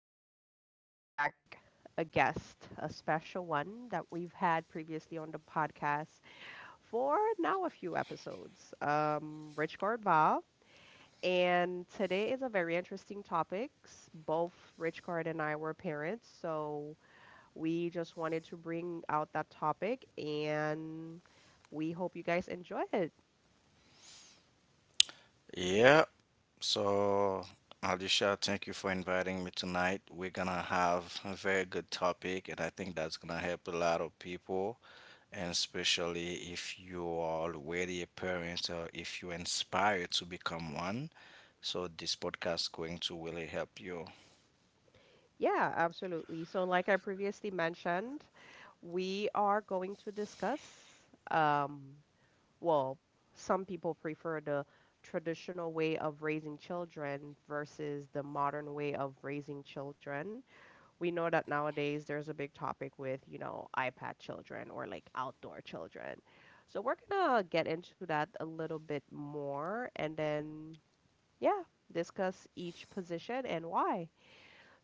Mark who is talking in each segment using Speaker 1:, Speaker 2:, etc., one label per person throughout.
Speaker 1: Today, we bring back a guest, a special one that we've had previously on the podcast for now a few episodes, Rich Val. And today is a very interesting topic. Both Rich Card and I were parents, so we just wanted to bring out that topic, and we hope you guys enjoy it.
Speaker 2: Yeah, so Alicia, thank you for inviting me tonight. We're gonna have a very good topic, and I think that's gonna help a lot of people, and especially if you are already a parent or if you're inspired to become one. So this podcast is going to really help you.
Speaker 1: Yeah, absolutely. So, like I previously mentioned, we are going to discuss, um, well, some people prefer the traditional way of raising children versus the modern way of raising children. We know that nowadays there's a big topic with, you know, iPad children or like outdoor children. So, we're gonna get into that a little bit more and then, yeah, discuss each position and why.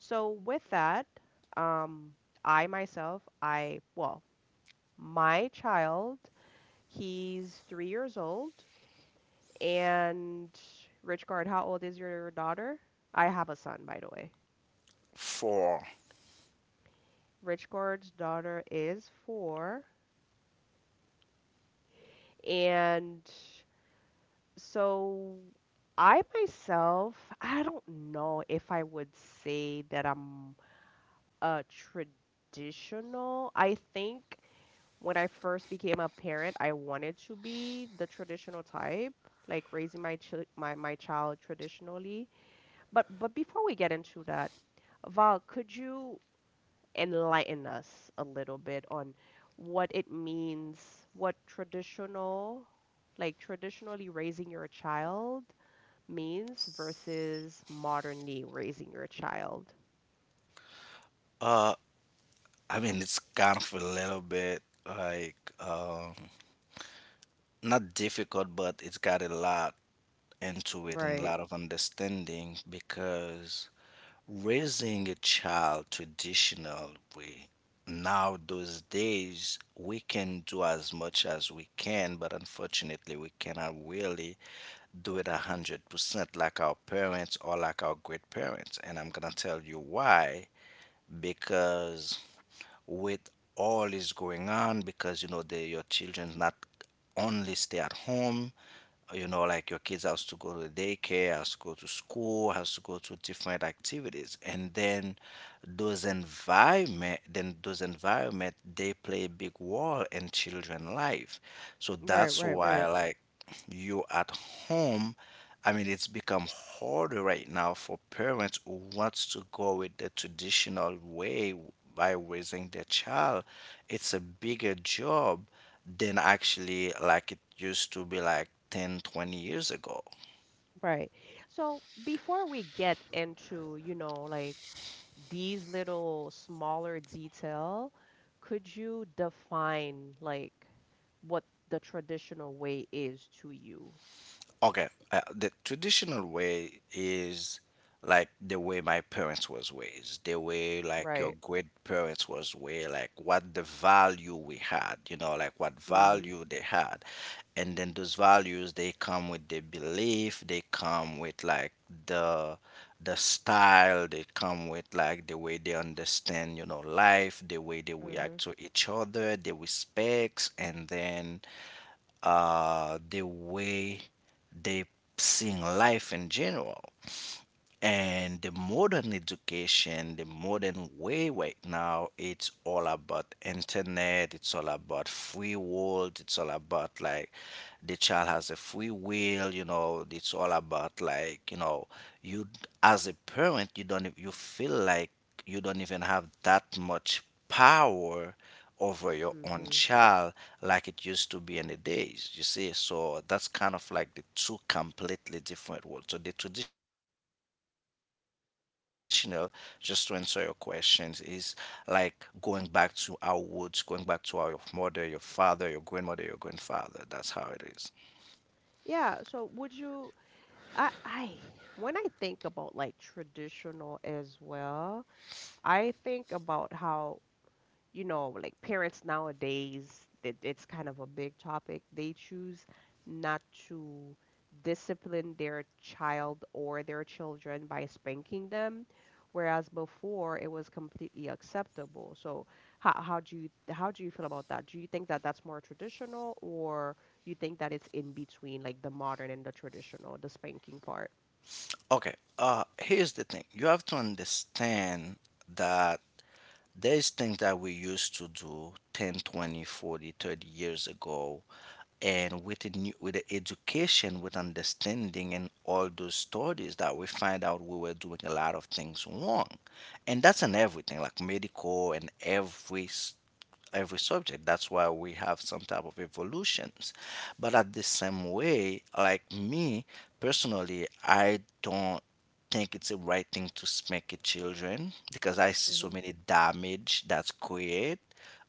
Speaker 1: So with that, um, I myself, well, my child, he's 3 years old. And Richard, how old is your daughter? I have a son, by the way.
Speaker 2: For
Speaker 1: Richard's daughter is four. And so I myself, I don't know if I would say that I'm a traditional. I think when I first became a parent, I wanted to be the traditional type, like raising my chil my my child traditionally. But before we get into that, Val, could you enlighten us a little bit on what traditional, like traditionally raising your child means versus modernly raising your child?
Speaker 2: uh, I mean, it's kind of a little bit like not difficult, but it's got a lot into it and a
Speaker 1: Right,
Speaker 2: lot of understanding, because raising a child traditional way, now those days we can do as much as we can, but unfortunately we cannot really do it 100% like our parents or like our great parents. And I'm gonna tell you why. Because with all is going on, because you know your children's not only stay at home. You know, like your kids has to go to daycare, has to go to school, has to go to different activities. And then those environment, they play a big role in children life. So that's
Speaker 1: right.
Speaker 2: why, like, you at home, I mean, it's become harder right now for parents who wants to go with the traditional way, by raising their child. It's a bigger job than actually like it used to be, like 10, 20 years ago.
Speaker 1: Right. So before we get into, you know, like these little smaller detail, could you define like what the traditional way is to you?
Speaker 2: Okay. The traditional way is like the way my parents was raised, the way like your
Speaker 1: Right.
Speaker 2: great parents was, way like what the value we had, you know, like what
Speaker 1: Mm-hmm.
Speaker 2: value they had. And then those values, they come with the belief, they come with like the the style, they come with like the way they understand, you know, life, the way they
Speaker 1: Mm-hmm.
Speaker 2: react to each other, the respects. And then, the way they seeing life in general. And the modern education, the modern way right now, it's all about internet, it's all about free world, it's all about like the child has a free will, you know. It's all about, like, you know, you as a parent, you feel like you don't even have that much power over your own
Speaker 1: Mm-hmm.
Speaker 2: child like it used to be in the days, you see. So that's kind of like the two completely different worlds. So the traditional, just to answer your questions, is like going back to our roots, going back to our your mother, your father, your grandmother, your grandfather. That's how it is.
Speaker 1: Yeah, so would you I when I think about like traditional as well, I think about how, you know, like parents nowadays, that it's kind of a big topic. They choose not to discipline their child or their children by spanking them, whereas before it was completely acceptable. So how do you feel about that? Do you think that that's more traditional, or you think that it's in between, like the modern and the traditional, the spanking part?
Speaker 2: Okay. Here's the thing. You have to understand that there's things that we used to do 10, 20, 40, 30 years ago. And with the education, with understanding and all those studies that we find out, we were doing a lot of things wrong. And that's in everything, like medical and every subject. That's why we have some type of evolutions. But at the same way, like me personally, I don't think it's the right thing to spank your children, because I see so
Speaker 1: Mm-hmm.
Speaker 2: many damage that's created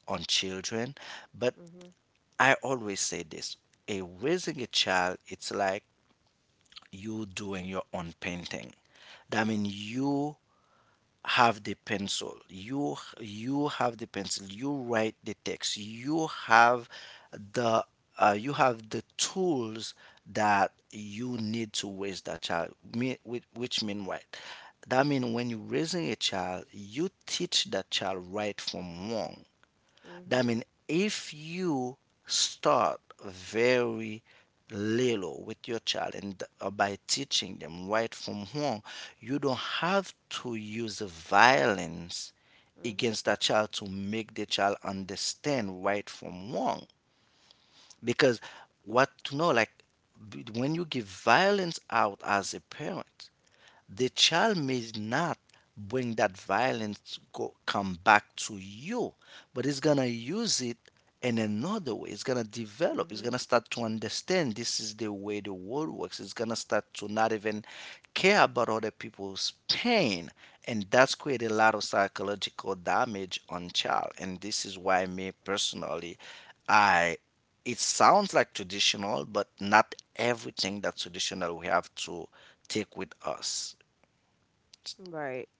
Speaker 2: on children. But
Speaker 1: Mm-hmm.
Speaker 2: I always say this: a raising a child, it's like you doing your own painting. That means you have the pencil, you write the text, the you have the tools that you need to raise that child. Which mean what? That mean when you're raising a child, you teach that child right from wrong. That
Speaker 1: Mm-hmm.
Speaker 2: means if you start very little with your child and, by teaching them right from wrong, you don't have to use violence
Speaker 1: Mm-hmm.
Speaker 2: against that child to make the child understand right from wrong. Because what to know, like, when you give violence out as a parent, the child may not bring that violence go, come back to you, but it's gonna use it in another way. It's gonna develop. It's
Speaker 1: Mm-hmm.
Speaker 2: gonna start to understand this is the way the world works. It's gonna start to not even care about other people's pain, and that's created a lot of psychological damage on child. And this is why me personally, I it sounds like traditional, but not everything that's traditional we have to take with us.
Speaker 1: Right.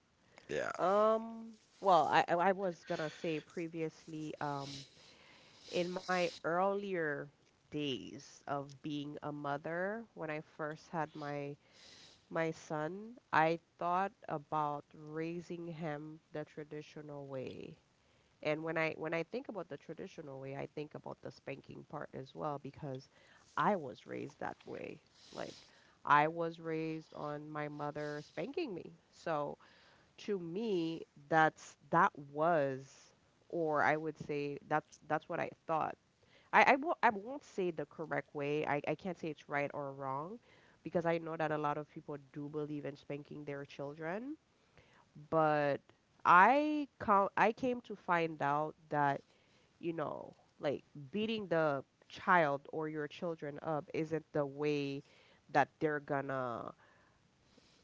Speaker 2: Yeah.
Speaker 1: Um, well, I was gonna say previously, in my earlier days of being a mother, when I first had my son, I thought about raising him the traditional way. And when I think about the traditional way, I think about the spanking part as well because I was raised that way. Like I was raised on my mother spanking me. So, to me that was, or I would say that's what I thought. I won't say the correct way. I can't say it's right or wrong, because I know that a lot of people do believe in spanking their children. But I came to find out that, you know, like beating the child or your children up isn't the way that they're gonna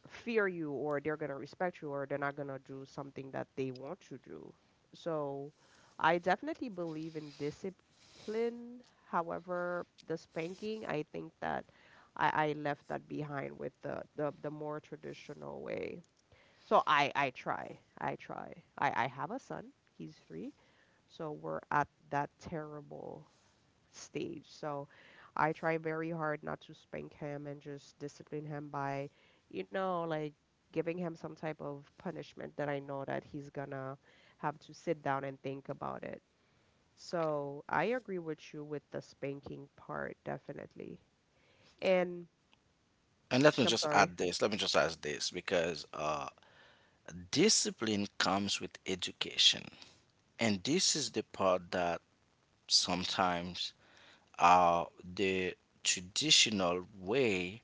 Speaker 1: fear you or they're going to respect you or they're not going to do something that they want you to do. So I definitely believe in discipline. However, the spanking, I think that I left that behind with the more traditional way. So I try. I try. I have a son. He's three. So we're at that terrible stage. So I try very hard not to spank him and just discipline him by, you know, like giving him some type of punishment that I know that he's gonna have to sit down and think about it. So I agree with you with the spanking part, definitely. And
Speaker 2: And let me
Speaker 1: I'm
Speaker 2: just
Speaker 1: sorry.
Speaker 2: add this. Let me just add this, because discipline comes with education. And this is the part that sometimes, uh, the traditional way,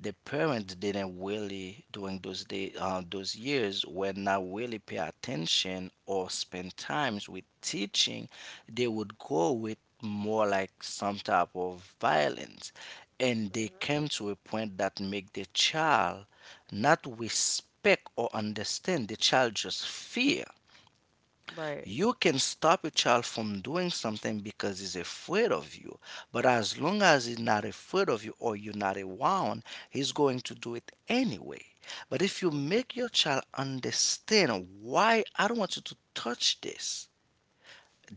Speaker 2: the parents didn't really, during those years, were not really pay attention or spend times with teaching. They would go with more like some type of violence, and they
Speaker 1: Mhm.
Speaker 2: came to a point that make the child not respect or understand, the child just fear.
Speaker 1: Right.
Speaker 2: You can stop a child from doing something because he's afraid of you. But as long as he's not afraid of you or you're not around, he's going to do it anyway. But if you
Speaker 1: Mhm.
Speaker 2: make your child understand why I don't want you to touch this,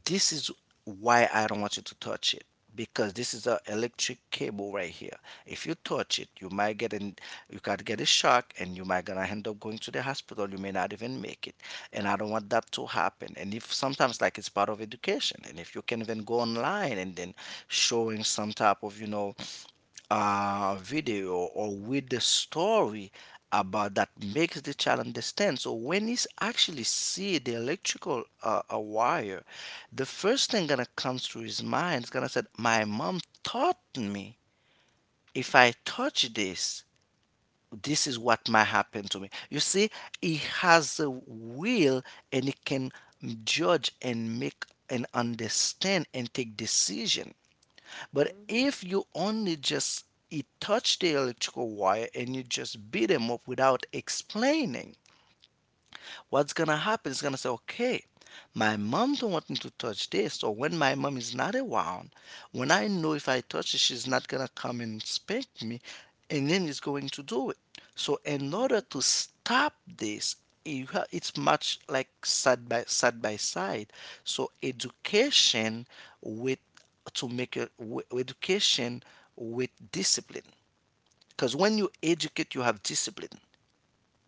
Speaker 2: this is why I don't want you to touch it, because this is a electric cable right here. If you touch it, you might get an you got to get a shock, and you might gonna end up going to the hospital. You may not even make it. And I don't want that to happen. And if sometimes like it's part of education, and if you can even go online and then showing some type of, you know, video or with the story about that, makes the child understand. So when he's actually see the electrical wire, the first thing gonna comes to his mind is gonna say, "My mom taught me. If I touch this, this is what might happen to me." You see, he has a will, and he can judge and make and understand and take decision. But
Speaker 1: Mhm.
Speaker 2: if you only just it touch the electrical wire and you just beat them up without explaining, what's gonna happen is gonna say, okay, my mom don't want me to touch this. So when my mom is not around, when I know if I touch it, she's not gonna come and spank me, and then it's going to do it. So in order
Speaker 1: Mhm.
Speaker 2: to stop this, it's much like side by side by side. So education with to make a, w- education with discipline. Because when you educate, you have discipline.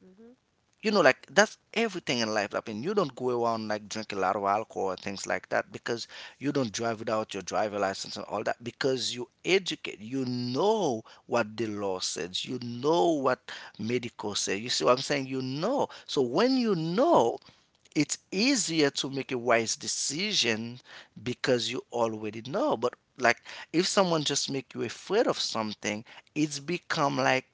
Speaker 1: Mhm.
Speaker 2: You know, like, that's everything in life. I mean, you don't go around like drink a lot of alcohol or things like that, because you don't drive without your driver license and all that, because you educate, you know what the law says, you know what medical says. You see what I'm saying? You know, so when you
Speaker 1: Mhm.
Speaker 2: know, it's easier to make a wise decision, because you already know. But like, if someone just make you afraid of something, it's become like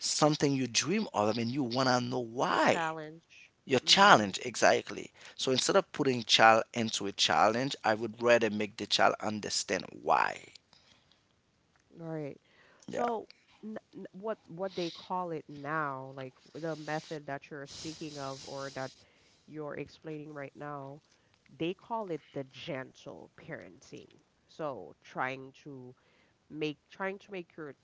Speaker 2: something you dream of. I mean, you want to know
Speaker 1: Your
Speaker 2: why.
Speaker 1: challenge.
Speaker 2: Your
Speaker 1: Mm-hmm.
Speaker 2: challenge, exactly. So instead of putting child into a challenge, I would rather make the child understand why.
Speaker 1: Right.
Speaker 2: Yeah.
Speaker 1: So n n what they call it now, like the method that you're speaking of or that you're explaining right now, they call it the gentle parenting. So trying to make your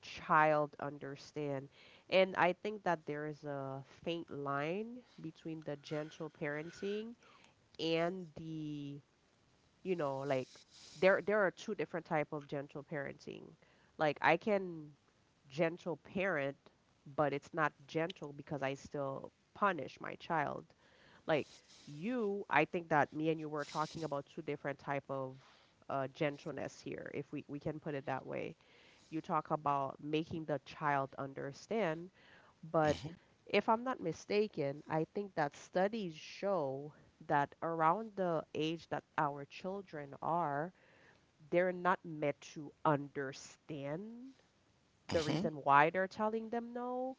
Speaker 1: child understand. And I think that there is a faint line between the gentle parenting and the, you know, like there are two different type of gentle parenting. Like I can gentle parent, but it's not gentle because I still punish my child. Like you, I think that me and you were talking about two different type of gentleness here, if we can put it that way. You talk about making the child understand, but if I'm not mistaken, I think that studies show that around the age that our children are, they're not meant to understand the
Speaker 2: Hmm.
Speaker 1: reason why they're telling them no.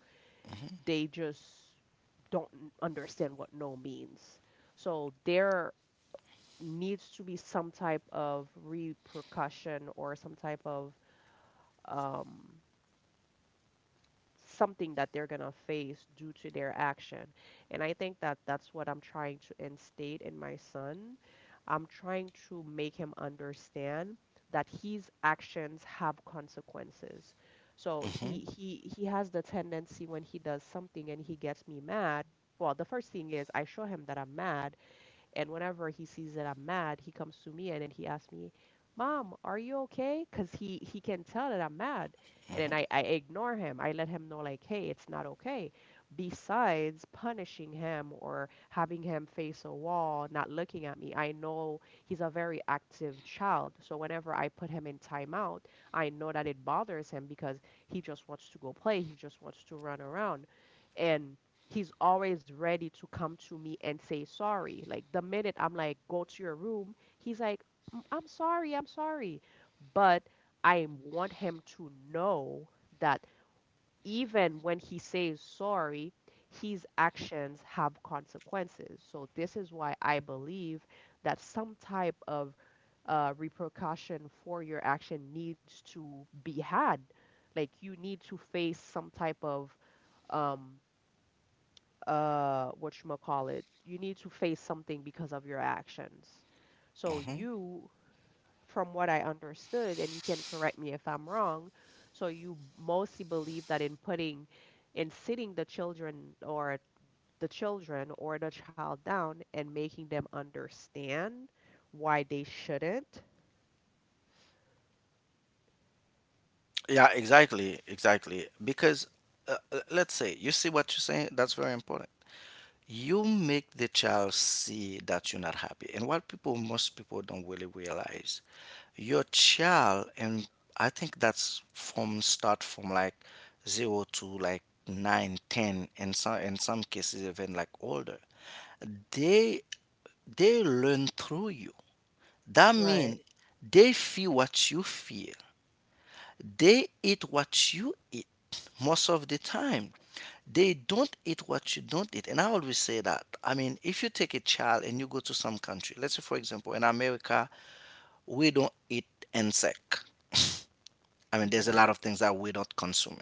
Speaker 1: They just don't understand what no means. So there needs to be some type of repercussion or some type of um, something that they're going to face due to their action. And I think that that's what I'm trying to instate in my son. I'm trying to make him understand that his actions have consequences. So
Speaker 2: Hmm.
Speaker 1: he has the tendency when he does something and he gets me mad, well, the first thing is I show him that I'm mad, and whenever he sees that I'm mad, he comes to me and then he asks me, "Mom, are you okay?" Because he can tell that I'm mad, and then I ignore him. I let him know like, "Hey, it's not okay." Besides punishing him or having him face a wall, not looking at me, I know he's a very active child. So whenever I put him in timeout, I know that it bothers him because he just wants to go play. He just wants to run around, and he's always ready to come to me and say sorry. Like the minute I'm like, go to your room, he's like, "Mm, I'm sorry, I'm sorry." But I want him to know that even when he says sorry, his actions have consequences. So this is why I believe that some type of uh repercussion for your action needs to be had. Like you need to face some type of um, whatchamacallit, you need to face something because of your actions. So
Speaker 2: Hmm.
Speaker 1: you, from what I understood, and you can correct me if I'm wrong, so you mostly believe that in sitting the children or the child down and making them understand why they shouldn't.
Speaker 2: Yeah, exactly. Exactly. Because let's say, you see what you're saying? That's very important. You make the child see that you're not happy. And what people, most people don't really realize, your child, and I think that's from start from like zero to like nine, 10, and some in some cases even like older. they they learn through you. That means
Speaker 1: Right.
Speaker 2: they feel what you feel, they eat what you eat most of the time, they don't eat what you don't eat. And I always say that, I mean, if you take a child and you go to some country, let's say for example in America, we don't eat insect. I mean, there's a
Speaker 1: Mhm.
Speaker 2: lot of things that we don't consume.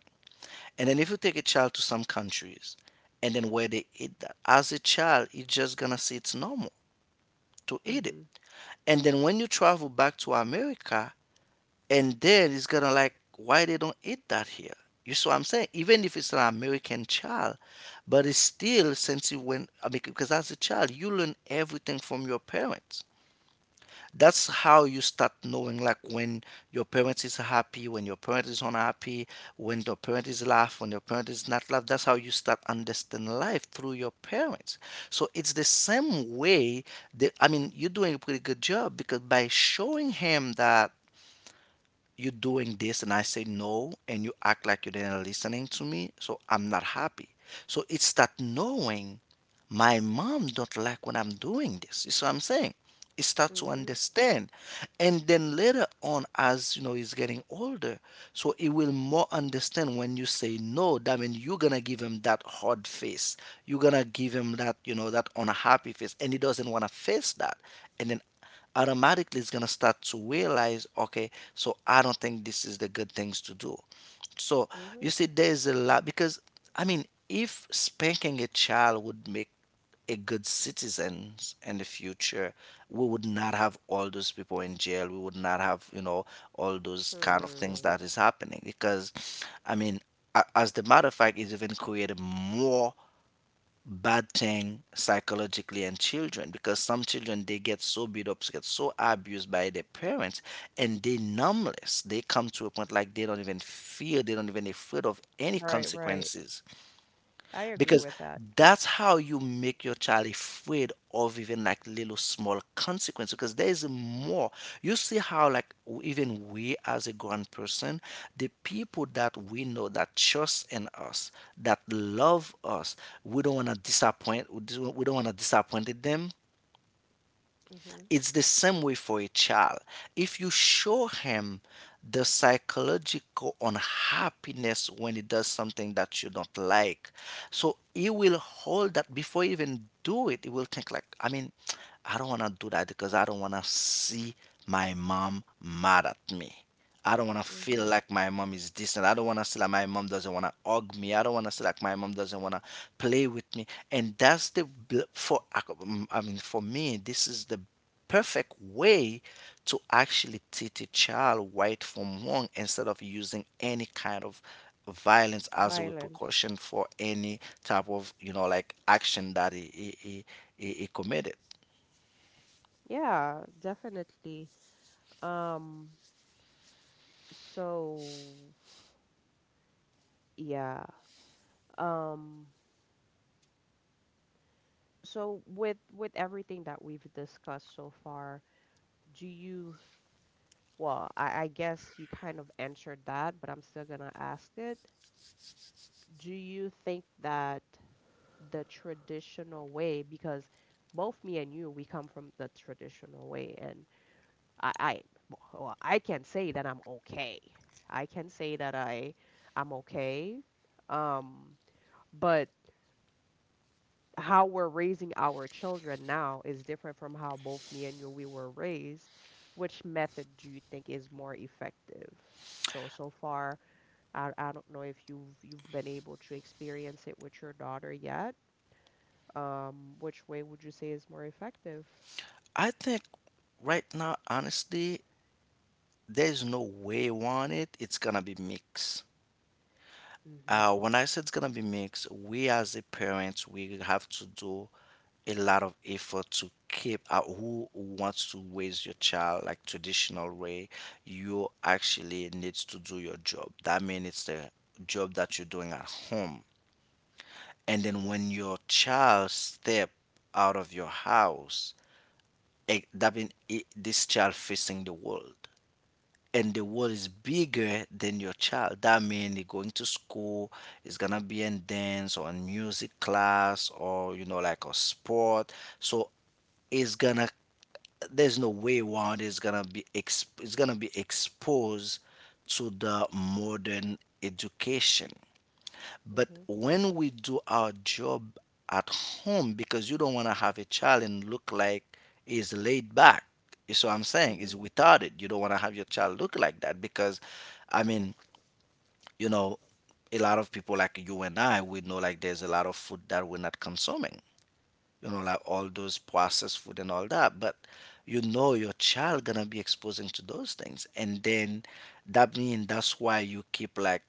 Speaker 2: And then if you take a child to some countries and then where they eat that, as a child, he's just gonna see it's normal to eat it.
Speaker 1: Mhm.
Speaker 2: And then when you travel back to America, and then it's gonna like, why they don't eat that here? You see what I'm saying? Even if it's an American child, but it's still since you went, because as a child, you learn everything from your parents. That's how you start knowing like when your parents is happy, when your parent is unhappy, when your parent is laugh, when your parent is not laugh. That's how you start understanding life through your parents. So it's the same way that you're doing a pretty good job because by showing him that you're doing this and I say no, and you act like you didn't listening to me, so I'm not happy. So it's that knowing, my mom don't like when I'm doing this. You see what I'm saying? He start to
Speaker 1: Mhm.
Speaker 2: understand, and then later on, as you know, he's getting older, so he will more understand when you say no. That means you're gonna give him that hard face, you're gonna give him that, you know, that unhappy face, and he doesn't want to face that. And then automatically it's gonna start to realize, okay, so I don't think this is the good things to do. So
Speaker 1: Mhm.
Speaker 2: you see, there's a lot, because if spanking a child would make a good citizens in the future, we would not have all those people in jail. We would not have, you know, all those kind of things
Speaker 1: Hmm.
Speaker 2: that is happening. Because, I mean, as the matter of fact, it's even created more bad thing psychologically in children, because some children they get so beat up, get so abused by their parents, and they numbless. They come to a point like they don't even fear, they don't even afraid of any
Speaker 1: Right, right.
Speaker 2: consequences.
Speaker 1: I agree
Speaker 2: Because
Speaker 1: with that.
Speaker 2: that's how you make your child afraid of even like little small consequence, because there is more. You see how like even we as a grown person, the people that we know that trust in us, that love us, we don't want to disappoint, we don't want to disappoint them.
Speaker 1: Mhm.
Speaker 2: It's the same way for a child. If you show him the psychological unhappiness when he does something that you don't like, so he will hold that before he even do it. He will think like, I don't want to do that because I don't want to see my mom mad at me. I don't want to feel
Speaker 1: Mhm.
Speaker 2: like my mom is distant. I don't want to feel like my mom doesn't want to hug me. I don't want to feel like my mom doesn't want to play with me. And that's the for for me, this is the perfect way to actually teach a child right from wrong, instead of using any kind of violence as a
Speaker 1: Violence.
Speaker 2: repercussion for any type of, you know, like action that he committed.
Speaker 1: Yeah, definitely. Um, so yeah. Um, so with everything that we've discussed so far, do you, well, I guess you kind of answered that, but I'm still gonna ask it. Do you think that the traditional way, because both me and you, we come from the traditional way, and I well, I can say that I'm okay. I can say that I'm okay. Um, but how we're raising our children now is different from how both me and you we were raised. Which method do you think is more effective? So so far, I don't know if you've been able to experience it with your daughter yet. Which way would you say is more effective?
Speaker 2: I think right now, honestly, there's no way on it, it's gonna be mixed.
Speaker 1: Mm-hmm.
Speaker 2: When I said it's gonna be mixed, we as a parents, we have to do a lot of effort to keep out. Who wants to raise your child like traditional way, you actually needs to do your job. That means it's the job that you're doing at home. And then when your child step out of your house, that means this child facing the world, and the world is bigger than your child. That means they're going to school, it's gonna be in dance or in music class or, you know, like a sport. So it's gonna, there's no way around it. It's gonna be it's gonna be exposed to the modern education. But
Speaker 1: Mm-hmm.
Speaker 2: when we do our job at home, because you don't want to have a child and look like is laid back. You see what I'm saying? Is
Speaker 1: Mm-hmm.
Speaker 2: retarded. You don't want to have your child look like that because, I mean, you know, a lot of people like you and I, we know like there's a lot of food that we're not consuming, you know, like all those processed food and all that. But you know your child gonna be exposing to those things, and then that means that's why you keep like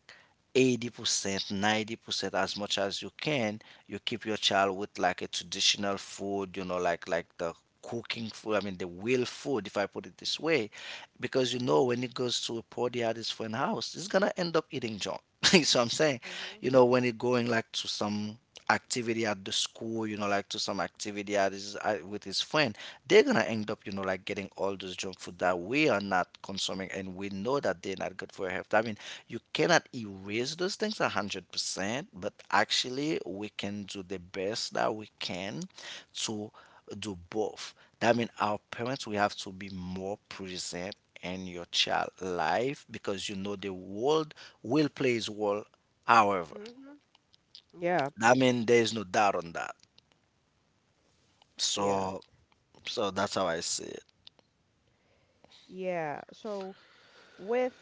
Speaker 2: 80% 90% as much as you can, you keep your child with like a traditional food, you know, like the cooking food, the real food, if I put it this way. Because you know when it goes to a party at his friend house, it's gonna end up eating junk. So I'm saying,
Speaker 1: Mm-hmm.
Speaker 2: you know, when it going like to some activity at the school, you know, like to some activity at his, with his friend, they're gonna end up, you know, like getting all those junk food that we are not consuming, and we know that they're not good for your health. I mean, you cannot erase those things 100%, but actually, we can do the best that we can to do both. That means our parents, we have to be more present in your child life, because you know the world will play its role. However,
Speaker 1: Mm-hmm. Yeah.
Speaker 2: I mean, there is no doubt on that.
Speaker 1: Yeah.
Speaker 2: So, so that's how I see it.
Speaker 1: Yeah. So with,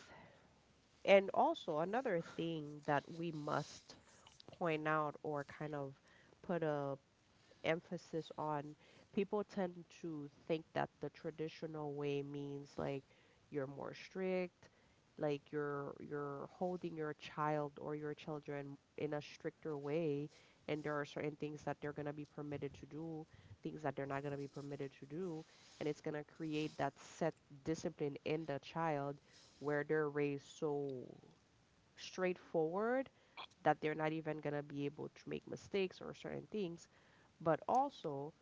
Speaker 1: and also another thing that we must point out or kind of put a emphasis on, people tend to think that the traditional way means like you're more strict, like you're holding your child or your children in a stricter way, and there are certain things that they're going to be permitted to do, things that they're not going to be permitted to do, and it's going to create that set discipline in the child where they're raised so straightforward that they're not even going to be able to make mistakes or certain things. But also,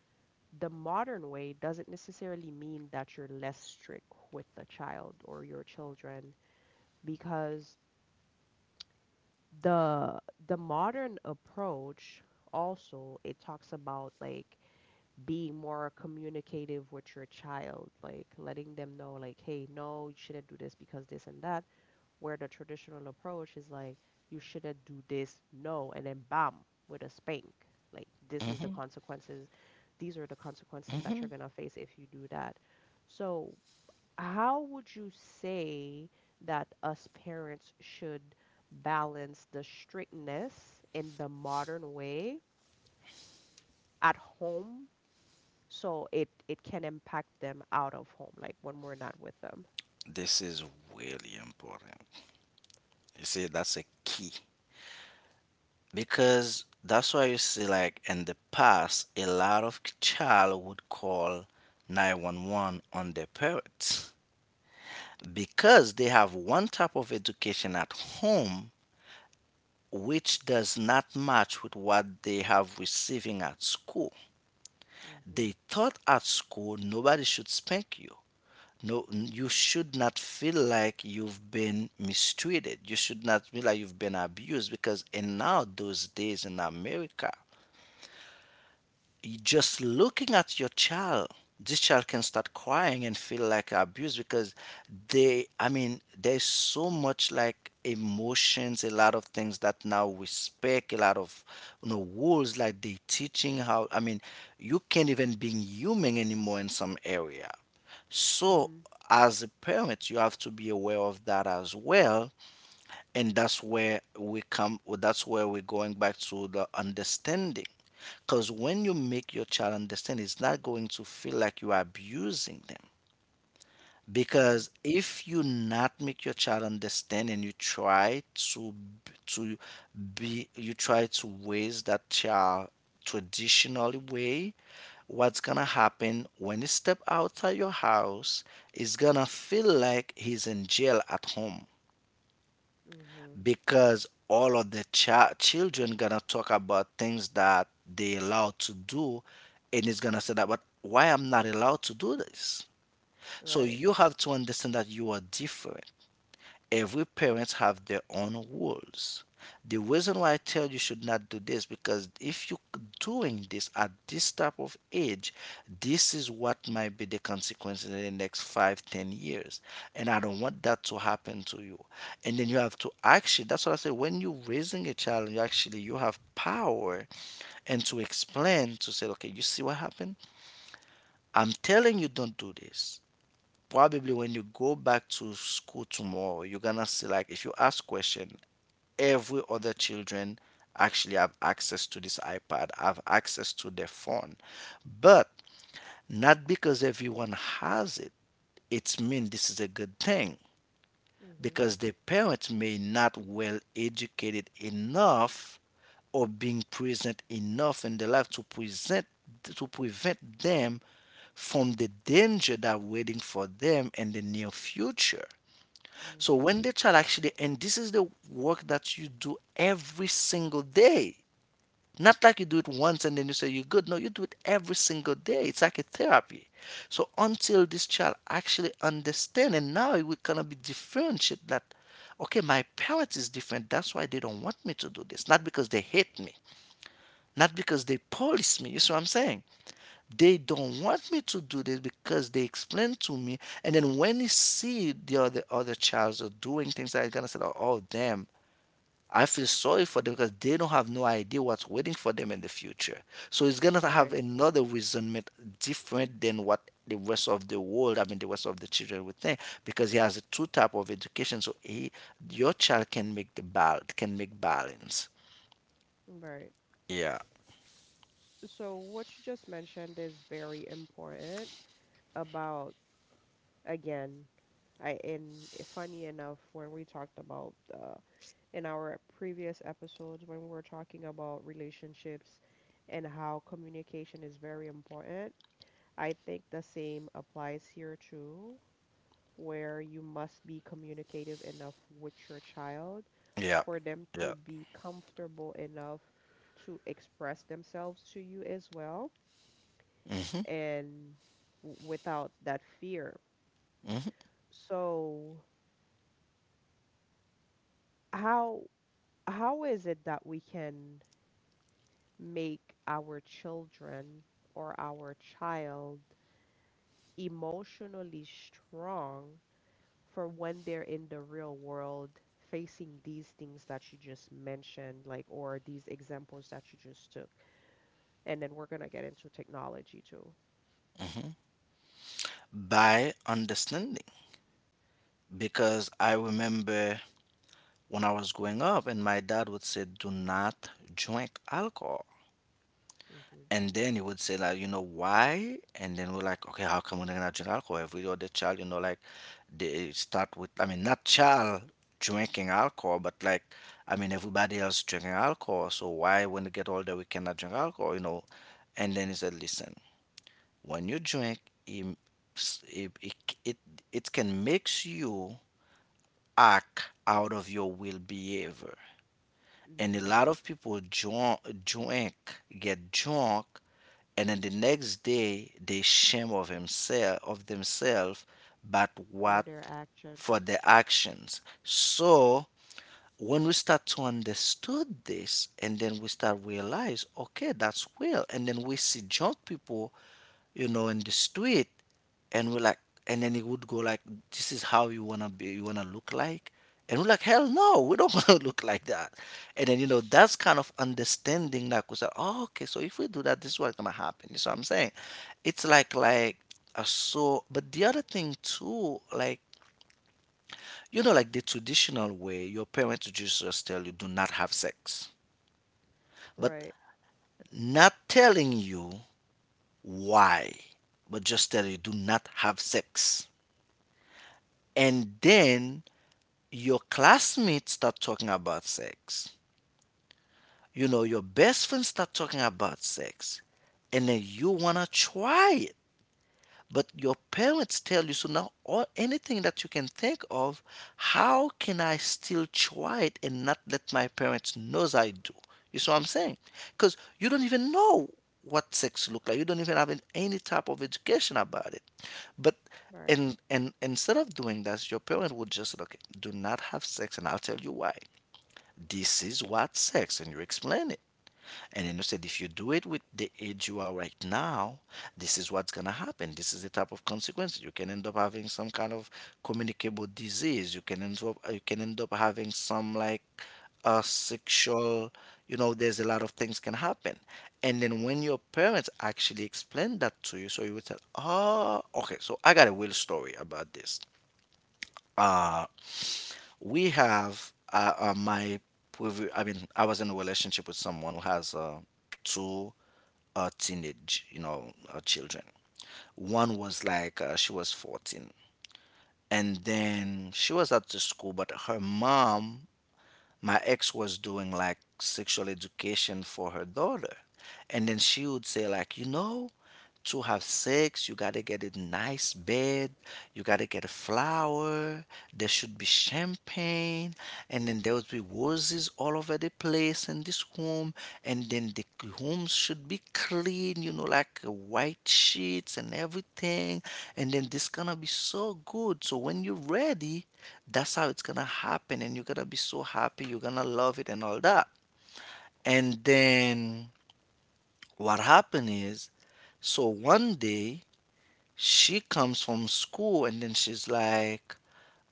Speaker 1: the modern way doesn't necessarily mean that you're less strict with the child or your children, because the the modern approach, also it talks about like being more communicative with your child, like letting them know like, hey, no, you shouldn't do this because this and that, where the traditional approach is like, you shouldn't do this, no, and then bam, with a spank, like this is the
Speaker 2: Hmm.
Speaker 1: consequences, these are the consequences that you're
Speaker 2: Hmm.
Speaker 1: going to face if you do that. So how would you say that us parents should balance the strictness in the modern way at home, so it can impact them out of home, like when we're not with them?
Speaker 2: This is really important. You see, that's a key, because that's why you see, like in the past, a lot of child would call 911 on their parents because they have one type of education at home which does not match with what they have receiving at school. They thought at school nobody should spank you. You should not feel like you've been mistreated, you should not feel like you've been abused, because in now those days in America, you just looking at your child, this child can start crying and feel like abused. Because they, there's so much like emotions, a lot of things that now we speak a lot of, you know, rules like they teaching how, you can't even being human anymore in some area.
Speaker 1: Mm-hmm.
Speaker 2: So,
Speaker 1: Mm-hmm.
Speaker 2: as a parent, you have to be aware of that as well, and that's where we come. That's where we're going back to the understanding. Because when you make your child understand, it's not going to feel like you are abusing them.
Speaker 1: Mm-hmm.
Speaker 2: Because if you not make your child understand, and you try to to be you try to raise that child traditional way, what's gonna happen when he step outside your house, is gonna feel like he's in jail at home.
Speaker 1: Mm-hmm.
Speaker 2: Because all of the children gonna talk about things that they allowed to do, and it's gonna say that, but why I'm not allowed to do this? So
Speaker 1: Right.
Speaker 2: you have to understand that you are different. Every parents have their own rules. The reason why I tell you should not do this, because if you doing this at this type of age, this is what might be the consequences in the next 5, 10 years. And I don't want that to happen to you. And then you have to actually, that's what I say, when you're raising a child, you actually you have power and to explain, to say, okay, you see what happened? I'm telling you don't do this. Probably when you go back to school tomorrow, you're gonna see like, if you ask question, every other children actually have access to this iPad, have access to their phone. But not because everyone has it, it's mean this is a good thing.
Speaker 1: Mm-hmm.
Speaker 2: Because the parents may not well educated enough or being present enough in their life to present, to prevent them from the danger that waiting for them in the near future. So
Speaker 1: Mm-hmm.
Speaker 2: when the child actually, and this is the work that you do every single day. Not like you do it once and then you say you're good. No, you do it every single day. It's like a therapy. So until this child actually understand, and now it will kind of be differentiate that, okay, my parents is different. That's why they don't want me to do this. Not because they hate me. Not because they police me. You see what I'm saying? They don't want me to do this because they explain to me. And then when you see the other childs are doing things like that, you're gonna say, oh, oh damn, I feel sorry for them because they don't have no idea what's waiting for them in the future. So it's gonna have
Speaker 1: Right,
Speaker 2: another resentment different than what the rest of the world, the rest of the children would think, because he has a two type of education. So he, your child can make the bal can make balance.
Speaker 1: right.
Speaker 2: Yeah,
Speaker 1: So what you just mentioned is very important about, again, I in funny enough, when we talked about in our previous episodes when we were talking about relationships and how communication is very important. I think the same applies here too, where you must be communicative enough with your child
Speaker 2: yeah,
Speaker 1: for them to
Speaker 2: yeah.
Speaker 1: be comfortable enough to express themselves to you as well, and without that fear.
Speaker 2: Mhm.
Speaker 1: So, how how is it that we can make our children or our child emotionally strong for when they're in the real world facing these things that you just mentioned, like, or these examples that you just took? And then we're going to get into technology too.
Speaker 2: By understanding, because I remember when I was growing up, and my dad would say, "Do not drink alcohol."
Speaker 1: hmm
Speaker 2: And then he would say like, you know, why? And then we're like, okay, how come we're not gonna drink alcohol? Every other child, you know, like they start with, not child drinking alcohol, but like, everybody else drinking alcohol. So why, when they get older, we cannot drink alcohol, you know? And then he said, listen, when you drink, it it it, it, it can makes you act out of your will behavior. And a
Speaker 1: hmm
Speaker 2: lot of people drunk, drink, get drunk, and then the next day they shame of himself, of themselves. But
Speaker 1: For
Speaker 2: what,
Speaker 1: their
Speaker 2: for
Speaker 1: actions.
Speaker 2: their actions. So when we start to understood this, and then we start realize, okay, that's real, and then we see drunk people, you know, and just do it. And we're like, and then he would go like, this is how you wanna be, you wanna look like. And we're like, hell no, we don't wanna look like that. And then, that's kind of understanding, like we said, oh, okay, so if we do that, this is what's gonna happen. You see what I'm saying? It's like a so, but the other thing too, like, like the traditional way, your parents would just tell you, do not have sex. But
Speaker 1: Right,
Speaker 2: not telling you why, but just tell you, do not have sex. And then your classmates start talking about sex, your best friends start talking about sex, and then you want to try it, but your parents tell you. So now, all, anything that you can think of, how can I still try it and not let my parents know I do? You see what I'm saying? Because you don't even know what sex look like, you don't even have any type of education about it. But
Speaker 1: right.
Speaker 2: and instead of doing that, your parent would just look, do not have sex, and I'll tell you why. This is what sex, and you explain it. And then you said, if you do it with the age you are right now, this is what's going to happen. This is the type of consequence. You can end up having some kind of communicable disease. You can end up, you can end up having some, like, a sexual, there's a lot of things can happen. And then when your parents actually explain that to you, so you would say, oh, okay, so I got a real story about this. Uh, we have, my, I mean, I was in a relationship with someone who has two teenage, children. One was like she was 14, and then she was at the school, but her mom, my ex, was doing like sexual education for her daughter, and then she would say, like, to have sex, you gotta get a nice bed, you gotta get a flower, there should be champagne, and then there would be roses all over the place in this room, and then the rooms should be clean, like white sheets and everything, and then this gonna be so good. So when you're ready, that's how it's gonna happen, and you're gonna be so happy, you're gonna love it and all that. And then what happened is, so one day she comes from school and then she's like,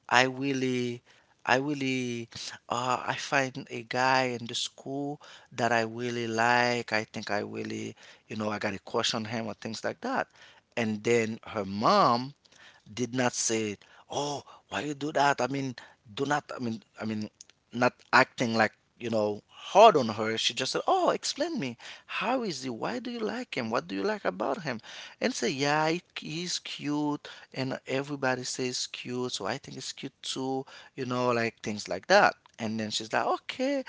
Speaker 2: i really I really, I find a guy in the school that I really like, I think I really, I got a crush on him, or things like that. And then her mom did not say, "Oh, why you do that?" I mean, do not. I mean, not acting like, hard on her. She just said, "Oh, explain me. How is he? Why do you like him? What do you like about him?" And say, "Yeah, he's cute, and everybody says cute, so I think it's cute too." You know, like things like that. And then she's like, "Okay."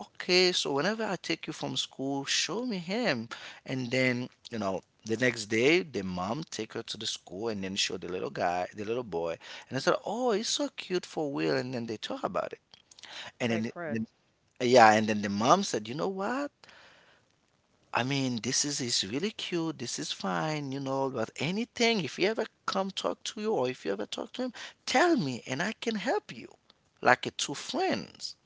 Speaker 2: Okay, so whenever I take you from school, show me him. And then, the next day, the mom take her to the school and then show the little guy, the little boy, and I said, "Oh, he's so cute for Will." And then they talk about it, and
Speaker 1: Like
Speaker 2: then,
Speaker 1: friends.
Speaker 2: then yeah, and then the mom said, "You know what? I mean, this is really cute. This is fine. But anything, if he ever come talk to you or if you ever talk to him, tell me, and I can help you, like a two friends."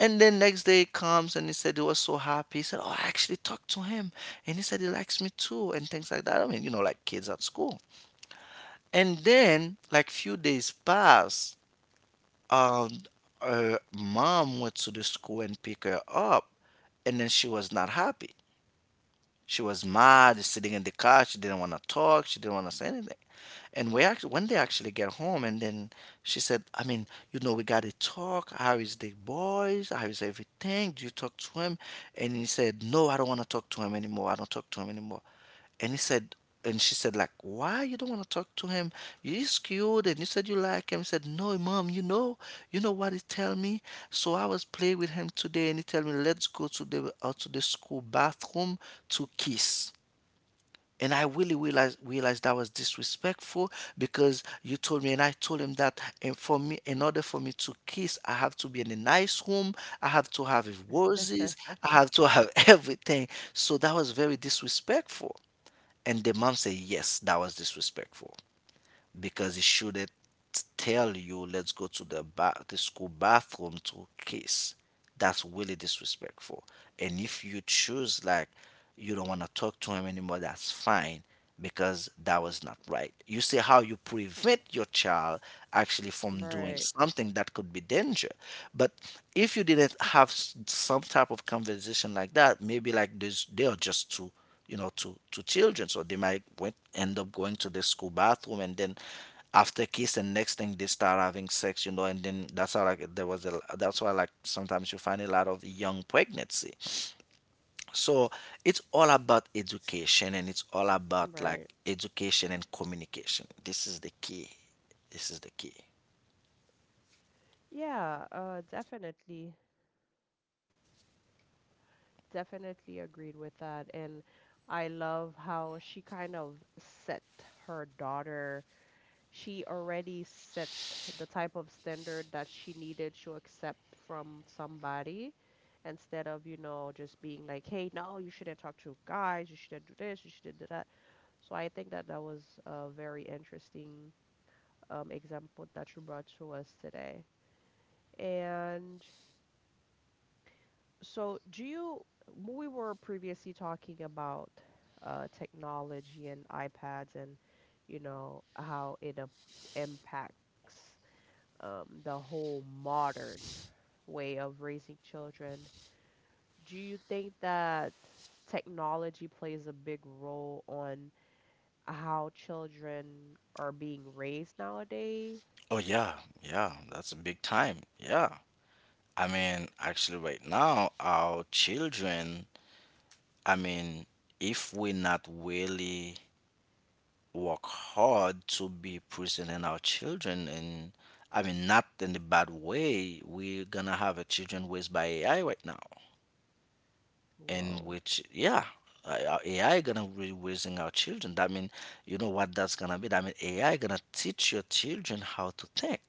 Speaker 2: And then next day he comes and he said he was so happy. He said, "Oh, I actually talked to him, and he said he likes me too, and things like that." I mean, like kids at school. And then, like, few days pass, um, her mom went to the school and picked her up, and then she was not happy. She was mad, sitting in the car. She didn't want to talk. She didn't want to say anything. And we actually, when they actually get home, and then she said, "I mean, you know, we gotta talk. How is the boys? How is everything? Do you talk to him?" And he said, "No, I don't want to talk to him anymore. I don't talk to him anymore." And he said, and she said, like, why you don't want to talk to him? He's cute, and you said you like him. He said, "No, mom, you know what he tell me. So I was playing with him today, and he tell me, let's go to the school bathroom to kiss. And I really realized that was disrespectful, because you told me, and I told him that, and for me, in order for me to kiss, I have to be in a nice room, I have to have roses, I have to have everything, so that was very disrespectful." And the mom say, yes, that was disrespectful, because he shouldn't tell you, let's go to the the school bathroom to kiss, that's really disrespectful. And if you choose, like, you don't want to talk to him anymore, that's fine, because that was not right. You see how you prevent your child actually from doing
Speaker 1: Right,
Speaker 2: something that could be danger. But if you didn't have some type of conversation like that, maybe like this, they are just too, to children, so they might went, end up going to the school bathroom, and then after kiss, and next thing they start having sex, you know, and then that's how, like, there was a that's why, like, sometimes you find a lot of young pregnancy. So, it's all about education, and it's all about, like,
Speaker 1: right.
Speaker 2: education and communication. This is the key. This is the key.
Speaker 1: Yeah, definitely, definitely agreed with that. And I love how she kind of set her daughter, she already set the type of standard that she needed to accept from somebody, instead of, you know, just being like, hey, no, you shouldn't talk to guys, you shouldn't do this, you shouldn't do that. So I think that that was a very interesting example that you brought to us today. And so, we were previously talking about technology and iPads and, you know, how it impacts the whole modern way of raising children. Do you think that technology plays a big role on how children are being raised nowadays?
Speaker 2: Oh, yeah. Yeah, that's a big time. Yeah, I mean, actually right now, our children, I mean, if we're not really work hard to be present in our children, and, I mean, not in the bad way, we're gonna have a children raised by AI right now. And,
Speaker 1: Whoa.
Speaker 2: which, yeah, our AI gonna be raising our children, that mean, you know what, that's gonna be, that mean AI gonna teach your children how to think,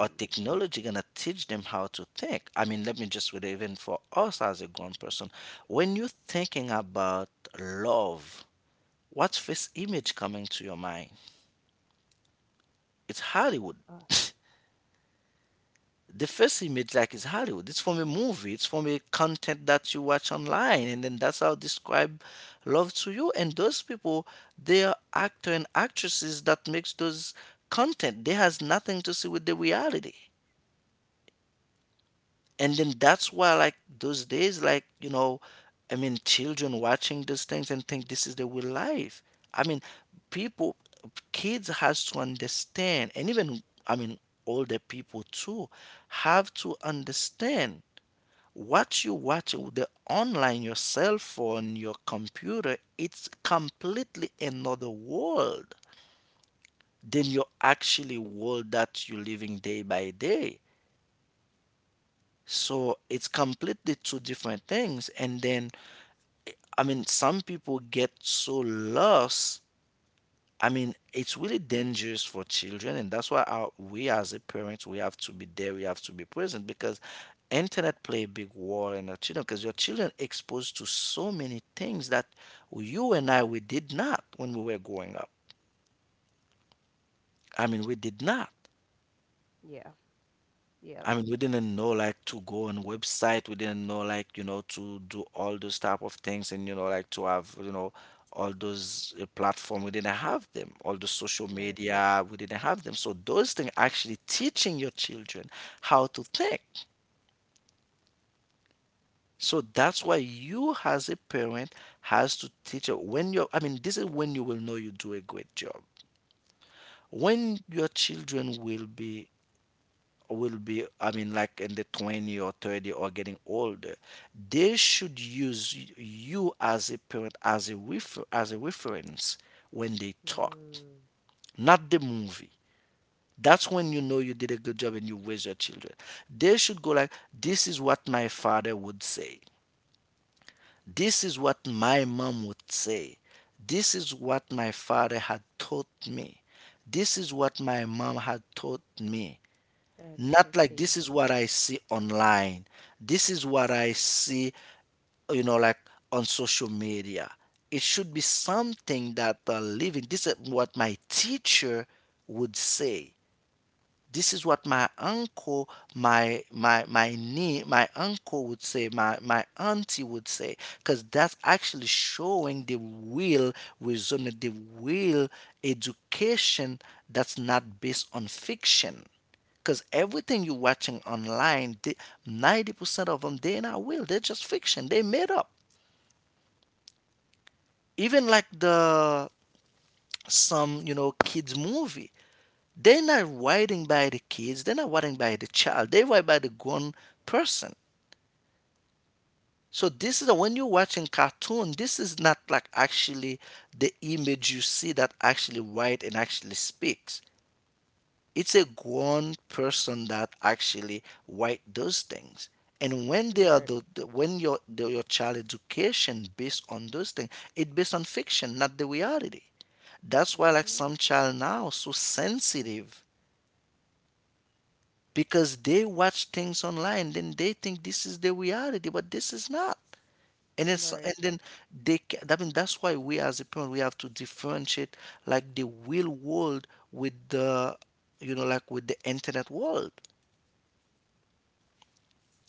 Speaker 2: or technology gonna teach them how to think. I mean, let me just read it, even for us as a grown person, when you're thinking about love, what's first image coming to your mind? It's Hollywood.
Speaker 1: Uh,
Speaker 2: The first image, like, is Hollywood. It's from a movie. It's from a content that you watch online, and then that's how describe love to you. And those people, they are actor and actresses that makes those content. They has nothing to see with the reality. And then that's why, like, those days, like, I mean, children watching these things and think this is the real life. I mean, people, kids has to understand, and even, I mean, older people too have to understand what you watch with the online, your cell phone, your computer, it's completely another world than your actually world that you're living day by day. So it's completely two different things. And then, I mean, some people get so lost. I mean, it's really dangerous for children, and that's why our, we as a parents we have to be there, we have to be present, because internet play a big role in our children, because your children exposed to so many things that you and I we did not when we were growing up. I mean, we did not.
Speaker 1: yeah. Yep.
Speaker 2: I mean, we didn't know, like, to go on website. We didn't know, like, to do all those type of things, and, like, to have, all those platform. We didn't have them. All the social
Speaker 1: Right.
Speaker 2: media, we didn't have them. So those things actually teaching your children how to think. So that's why you as a parent has to teach when you're, I mean, this is when you will know you do a great job. When your children will be, I mean, like, in the 20 or 30 or getting older, they should use you as a parent as a as a reference when they talk,
Speaker 1: Mm.
Speaker 2: not the movie. That's when you know you did a good job and you raise your children. They should go like, this is what my father would say, this is what my mom would say, this is what my father had taught me, this is what my mom had taught me. Not like
Speaker 1: Interesting.
Speaker 2: this is what I see online. This is what I see, you know, like, on social media. It should be something that living. This is what my teacher would say. This is what my uncle, my uncle would say, my auntie would say, because that's actually showing the real result, the real education that's not based on fiction. Because everything you're watching online, 90% of them, they're not real. They're just fiction. They made up. Even like the kids movie. They're not writing by the kids. They're not writing by the child. They write by the grown person. So when you're watching cartoon, this is not like actually the image you see that actually write and actually speaks. It's a grown person that actually write those things. And when they are
Speaker 1: Right.
Speaker 2: the- when your child education based on those things, it based on fiction, not the reality. That's why like
Speaker 1: Mhm.
Speaker 2: some child now so sensitive because they watch things online, then they think this is the reality, but this is not. And then so- and
Speaker 1: Right.
Speaker 2: then they ca- I mean that's why we as a parent we have to differentiate like the real world with the you know like with the internet world.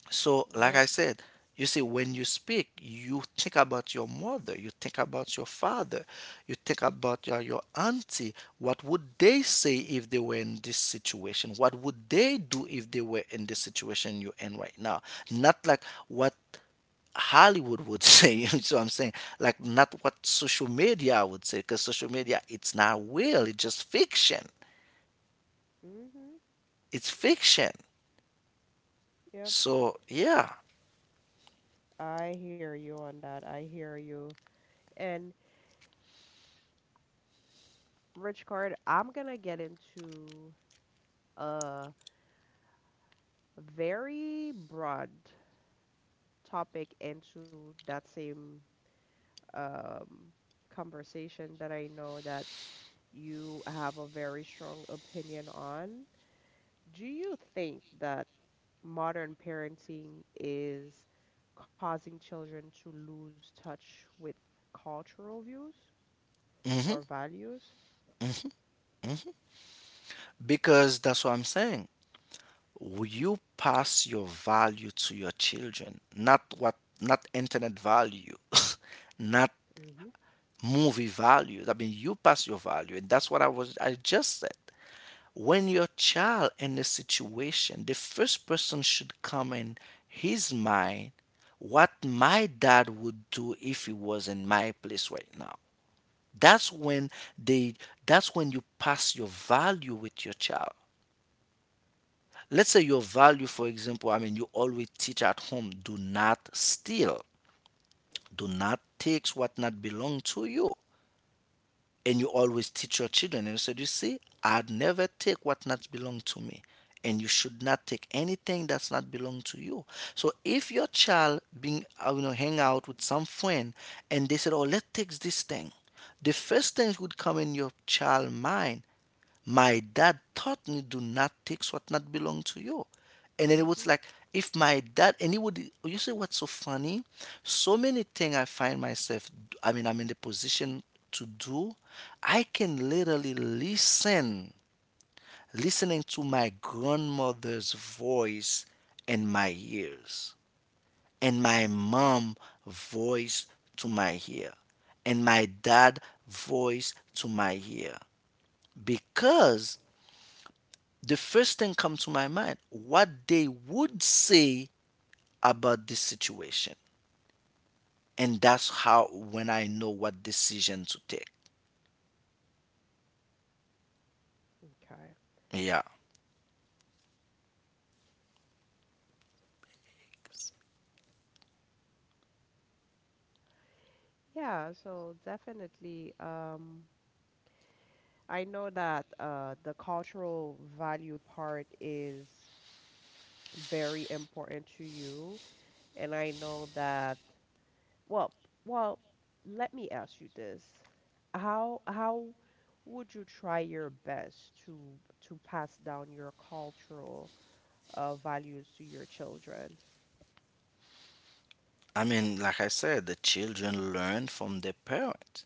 Speaker 2: So, like
Speaker 1: Yep.
Speaker 2: I said, you see, when you speak, you think about your mother, you think about your father, you think about your auntie. What would they say if they were in this situation? What would they do if they were in the situation you're in right now? Not like what Hollywood would say. So I'm saying, like, not what social media would say, because social media, it's not real, it's just fiction.
Speaker 1: Mhm.
Speaker 2: It's fiction.
Speaker 1: Yep.
Speaker 2: So, yeah.
Speaker 1: I hear you on that. I hear you. And Rich Card, I'm gonna get into a very broad topic into that same um, conversation that I know that you have a very strong opinion on. Do you think that modern parenting is causing children to lose touch with cultural views or
Speaker 2: Hmm.
Speaker 1: values?
Speaker 2: Because that's what I'm saying. Will you pass your value to your children? Not internet value, not
Speaker 1: Mm-hmm.
Speaker 2: movie value. I mean, you pass your value, and that's what I was. I just said. When your child in a situation, the first person should come in his mind, what my dad would do if he was in my place right now. That's when they that's when you pass your value with your child. Let's say your value, for example, I mean, you always teach at home, do not steal, do not take what not belong to you. And you always teach your children and you said, "You see, I would never take what not belong to me. And you should not take anything that's not belong to you." So if your child being you know, hang out with some friend and they said, "Oh, let's take this thing," the first thing would come in your child mind, my dad taught me do not take what not belong to you. And then it was
Speaker 1: Mm-hmm.
Speaker 2: like, if my dad and it would. You see what's so funny? So many things I find myself, I mean, I'm in the position to do. I can literally listen listening to my grandmother's voice in my ears, and my
Speaker 1: Mm-hmm.
Speaker 2: mom voice to my ear, and my dad voice to my ear, because the first thing comes to my mind what they would say about this situation, and that's how when I know what decision to take.
Speaker 1: Okay.
Speaker 2: Yeah.
Speaker 1: Yeah, so definitely. I know that the cultural value part is very important to you, and I know that, well, well, let me ask you this. How would you try your best to pass down your cultural values to your children?
Speaker 2: I mean, like I said, the children learn from their parents.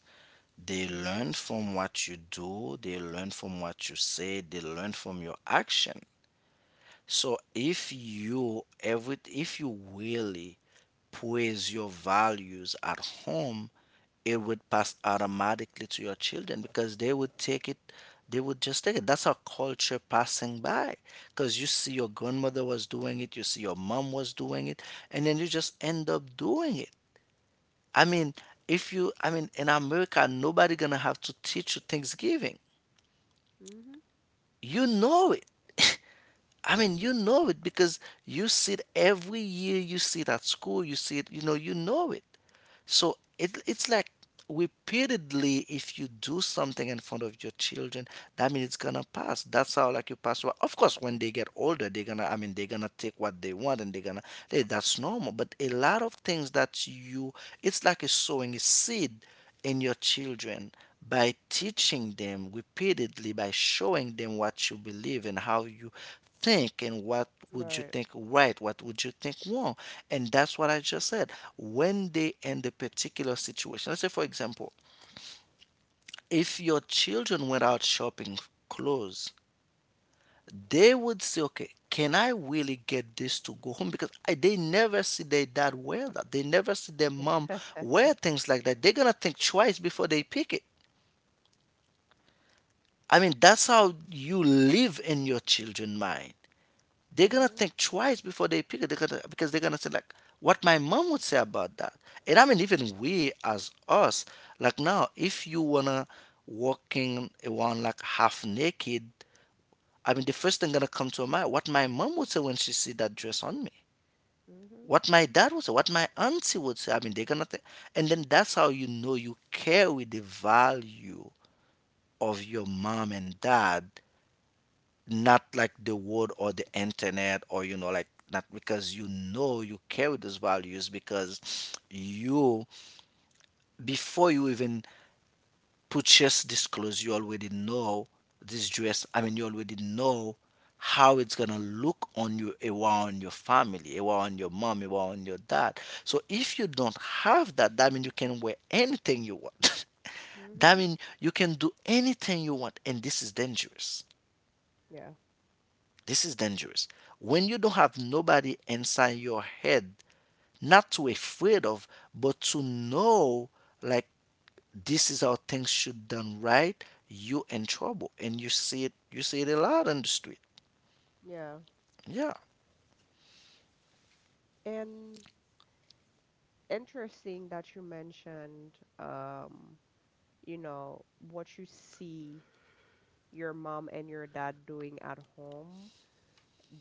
Speaker 2: They
Speaker 1: Mm-hmm.
Speaker 2: learn from what you do, they learn from what you say, they learn from your action. So if you really praise your values at home, it would pass automatically to your children because they would take it. They would just take it. That's our culture passing by. Because you see your grandmother was doing it, you see your mom was doing it, and then you just end up doing it. I mean, if you, I mean, in America nobody gonna have to teach you Thanksgiving.
Speaker 1: Mm-hmm.
Speaker 2: You know it. I mean, you know it because you see it every year. You see it at school. You see it. You know. You know it. So it it's like repeatedly. If you do something in front of your children, that means it's gonna pass. That's how like you pass. Well, of course, when they get older, they're gonna, I mean, they're gonna take what they want and they're gonna. They, that's normal. But a lot of things that you, it's like a sowing a seed in your children by teaching them repeatedly, by showing them what you believe and how you think and what would you
Speaker 1: Right.
Speaker 2: think right, what would you think wrong. And that's what I just said. When they in the particular situation, let's say for example, if your children went out shopping clothes, they would say, okay, can I really get this to go home? Because I, they never see their dad wear that. They never see their mom wear things like that. They're going to think twice before they pick it. I mean, that's how you live in your children' mind. They're gonna
Speaker 1: Mm-hmm.
Speaker 2: think twice before they pick it. They're gonna because they're gonna say like, what my mom would say about that. And I mean, even we as us, like now, if you wanna walking around like half naked, I mean, the first thing gonna come to her mind, what my mom would say when she see that dress on me.
Speaker 1: Mm-hmm.
Speaker 2: What my dad would say, what my auntie would say. I mean, they're gonna think, and then that's how you know you carry the value of your mom and dad, not like the world or the internet, or not, because you know you carry those values because you, before you even purchase this clothes, you already know this dress, I mean, you already know how it's gonna look on you around your family, around your mom, around your dad. So if you don't have that, that means you can wear anything you want. That
Speaker 1: Mm-hmm.
Speaker 2: means you can do anything you want, and this is dangerous.
Speaker 1: Yeah.
Speaker 2: This is dangerous. When you don't have nobody inside your head, not to afraid of, but to know like this is how things should done right, you in trouble. And you see it a lot on the street.
Speaker 1: Yeah.
Speaker 2: Yeah.
Speaker 1: And interesting that you mentioned um you know, what you see your mom and your dad doing at home,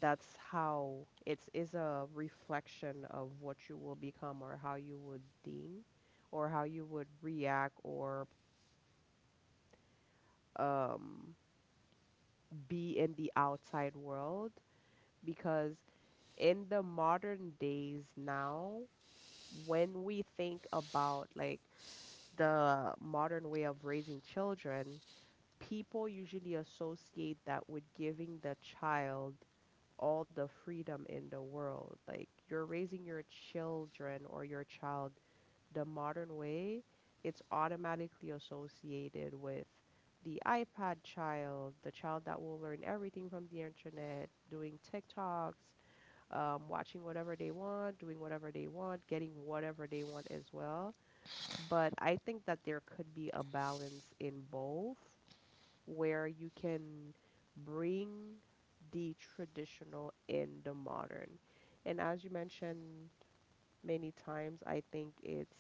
Speaker 1: that's how it's is a reflection of what you will become or how you would think or how you would react or um be in the outside world, because in the modern days now, when we think about like the modern way of raising children, people usually associate that with giving the child all the freedom in the world. Like you're raising your children or your child the modern way, it's automatically associated with the iPad child, the child that will learn everything from the internet, doing TikToks, watching whatever they want, doing whatever they want, getting whatever they want as well. But I think that there could be a balance in both, where you can bring the traditional in the modern. And as you mentioned many times, I think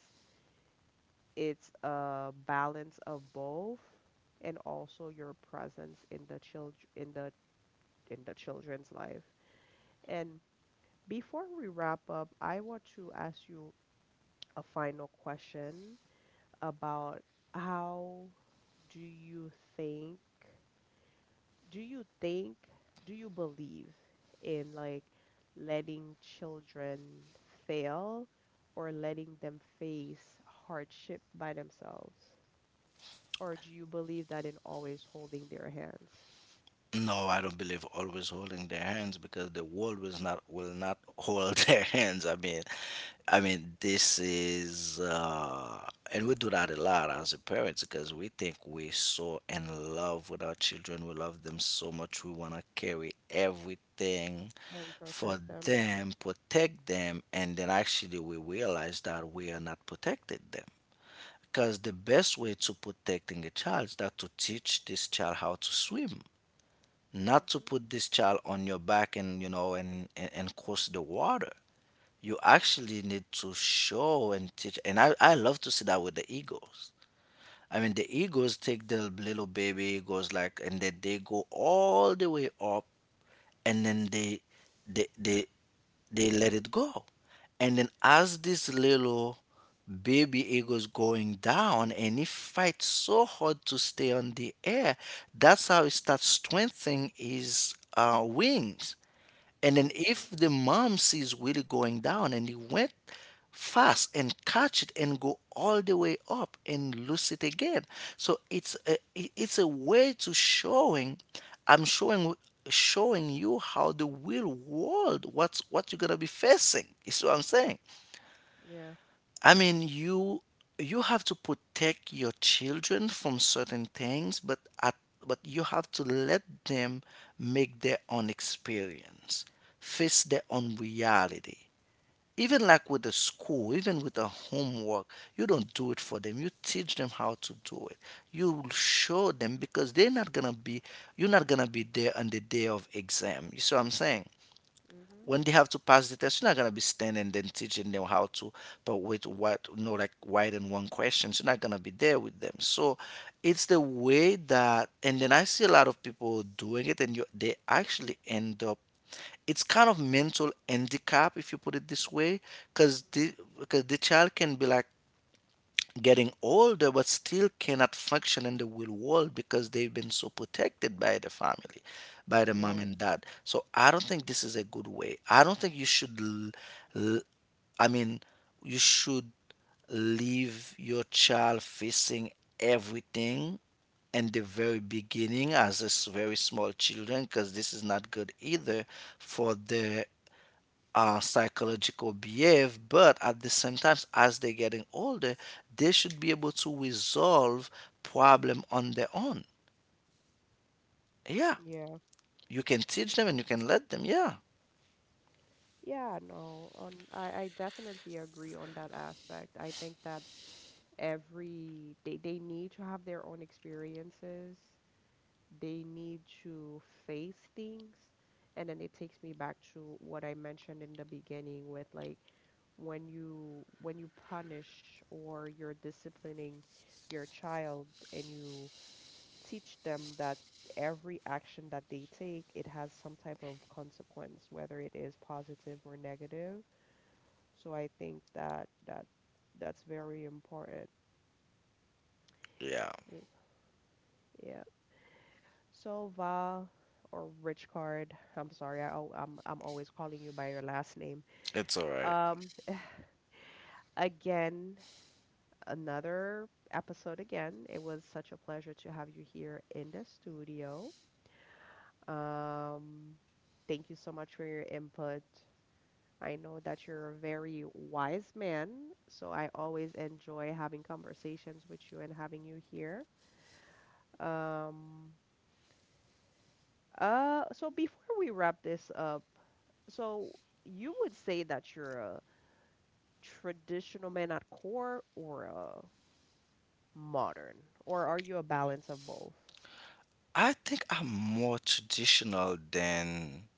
Speaker 1: it's a balance of both, and also your presence in the child in the children's life. And before we wrap up, I want to ask you a final question about how do you think do you think, do you believe in like letting children fail or letting them face hardship by themselves? Or do you believe that in always holding their hands
Speaker 2: No, I don't believe always holding their hands because the world will not hold their hands. I mean, I mean, this is and we do that a lot as a parents because we think we're so in love with our children. We love them so much. We wanna carry everything
Speaker 1: and protect
Speaker 2: for
Speaker 1: them?
Speaker 2: them, protect them, and then actually we realize that we are not protected them. Because the best way to protecting a child is that to teach this child how to swim, not to
Speaker 1: Mhm.
Speaker 2: put this child on your back and you know and and cross the water. You actually need to show and teach, and I love to see that with the eagles. I mean, the eagles take the little baby eagles like, and then they go all the way up, and then they they they let it go. And then as this little baby eagle's going down and it fights so hard to stay on the air, that's how it starts strengthening his wings. And then
Speaker 1: Mhm.
Speaker 2: if the mom sees Willie going down and he went fast and catch it and go all the way up and lose it again. So it's a way to showing, I'm showing, showing you how the real world, what's what you're gonna be facing. You see what I'm saying?
Speaker 1: Yeah.
Speaker 2: I mean, you have to protect your children from certain things, but but you have to let them make their own experience, face their own reality. Even like with the school, even with the homework, you don't do it for them. You teach them how to do it. You will show them because they're not gonna be you're not gonna be there on the day of exam. You see what I'm saying?
Speaker 1: Mhm.
Speaker 2: When they have to pass the test, you're not gonna be standing then teaching them how to, but with what, you know, like wide and one questions, you're not gonna be there with them. So it's the way that, and then I see a lot of people doing it, and you, they actually end up. It's kind of mental handicap if you put it this way, because the child can be like getting older but still cannot function in the real world because they've been so protected by the family, by the mom
Speaker 1: Right.
Speaker 2: and dad. So I don't think this is a good way. I don't think you should l- l- I mean, you should leave your child facing everything in the very beginning as a very small children, because this is not good either for the psychological behave. But at the same time, as they're getting older, they should be able to resolve problem on their own. Yeah,
Speaker 1: Yeah.
Speaker 2: you can teach them and you can let them. Yeah.
Speaker 1: Yeah, no. I definitely agree on that aspect. I think that every they need to have their own experiences, they need to face things. And then it takes me back to what I mentioned in the beginning with like when you punish or you're disciplining your child, and you teach them that every action that they take, it has some type of consequence, whether it is positive or negative. So I think that that's very important.
Speaker 2: Yeah,
Speaker 1: W- Yeah. Sova or Rich Card. I'm sorry, I'm always calling you by your last name.
Speaker 2: it's all right.
Speaker 1: Um, again, another episode again. It was such a pleasure to have you here in the studio. Um, thank you so much for your input. I know that you're a very wise man, so I always enjoy having conversations with you and having you here. Um, so before we wrap this up, so you would say that you're a traditional man at core, or a modern, or are you a balance of both?
Speaker 2: I think I'm more traditional than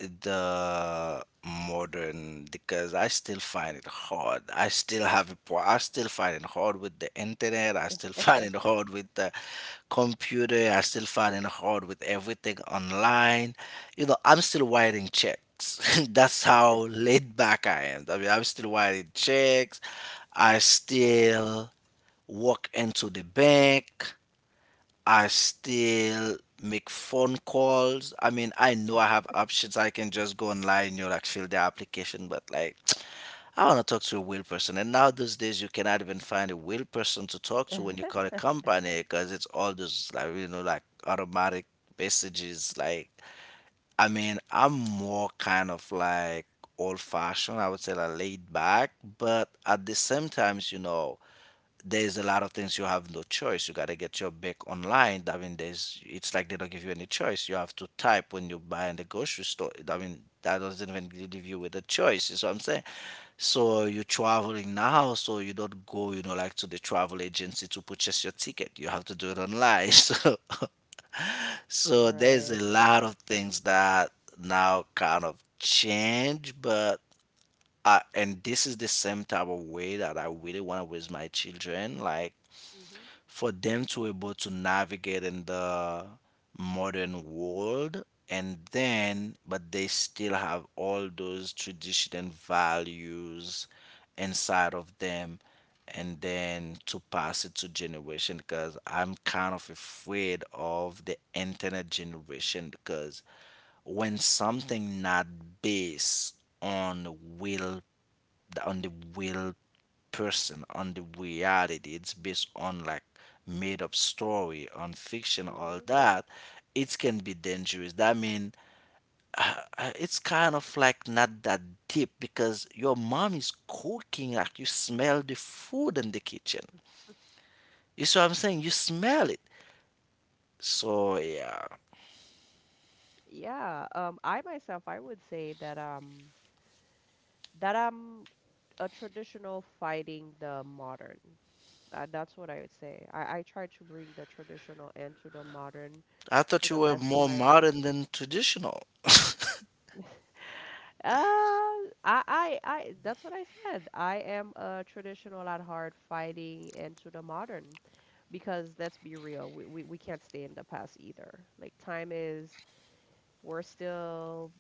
Speaker 2: the modern because I still find it hard. I still have a pro- I still find it hard with the internet. I still find it hard with the computer. I still fighting hard with everything online. You know, I'm still writing checks. That's how laid back I am. I mean, I'm still writing checks. I still walk into the bank. I still make phone calls. I mean, I know I have options. I can just go online, you know, like fill the application, but like I want to talk to a real person. And now those days, you cannot even find a real person to talk to when you call a company because it's all those like automatic messages. Like I mean, I'm more kind of like old fashioned. I would say like laid back, but at the same times, you know, there's a lot of things you have no choice. You gotta get your back online. I mean, there's it's like they don't give you any choice. You have to type when you buy in the grocery store. I mean, that doesn't even give you with a choice. You see what I'm saying? So you're traveling now, so you don't go, you know, like to the travel agency to purchase your ticket. You have to do it online. So, so there's
Speaker 1: Right.
Speaker 2: a lot of things that now kind of change, but and this is the same type of way that I really want to raise my children, like
Speaker 1: Mhm.
Speaker 2: for them to able to navigate in the modern world, and then but they still have all those tradition and values inside of them, and then to pass it to generation, because I'm kind of afraid of the internet generation because when something not based on real the- on the real person, on the reality. It's based on like made up story, on fiction, all
Speaker 1: Mhm.
Speaker 2: that. It can be dangerous. That mean it's kind of like not that deep because your mom is cooking. Like you smell the food in the kitchen. You see what I'm saying? You smell it. So yeah.
Speaker 1: Yeah, I myself I would say that I'm a traditional fighting the modern. That's what I would say. I try to bring the traditional and to the modern
Speaker 2: I thought
Speaker 1: to the
Speaker 2: you were
Speaker 1: best of
Speaker 2: more
Speaker 1: my ability.
Speaker 2: modern than traditional.
Speaker 1: That's what I said. I am a traditional at heart fighting into the modern, because let's be real, we can't stay in the past either. Like, time is, we're still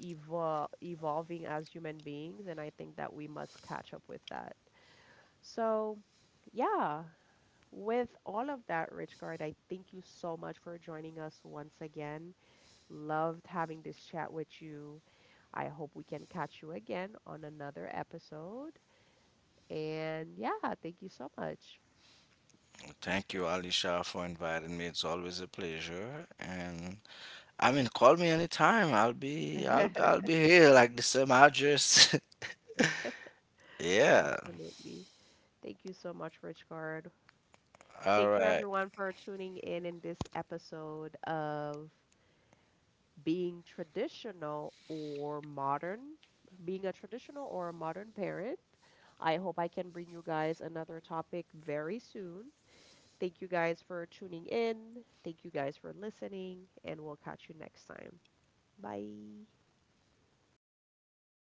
Speaker 1: evolving as human beings, and I think that we must catch up with that. So, yeah, with all of that, Rich Guard, I thank you so much for joining us once again. Loved having this chat with you. I hope we can catch you again on another episode. And yeah, thank you so much.
Speaker 2: Thank you, Alisha, for inviting me. It's always a pleasure. And I mean, call me anytime. I'll be here like the same address. Yeah.
Speaker 1: Absolutely. Thank you so much, Rich Card.
Speaker 2: All
Speaker 1: Thank you,
Speaker 2: right.
Speaker 1: everyone, for tuning in this episode of being traditional or modern, being a traditional or a modern parent. I hope I can bring you guys another topic very soon. Thank you guys for tuning in. Thank you guys for listening, and we'll catch you next time. Bye.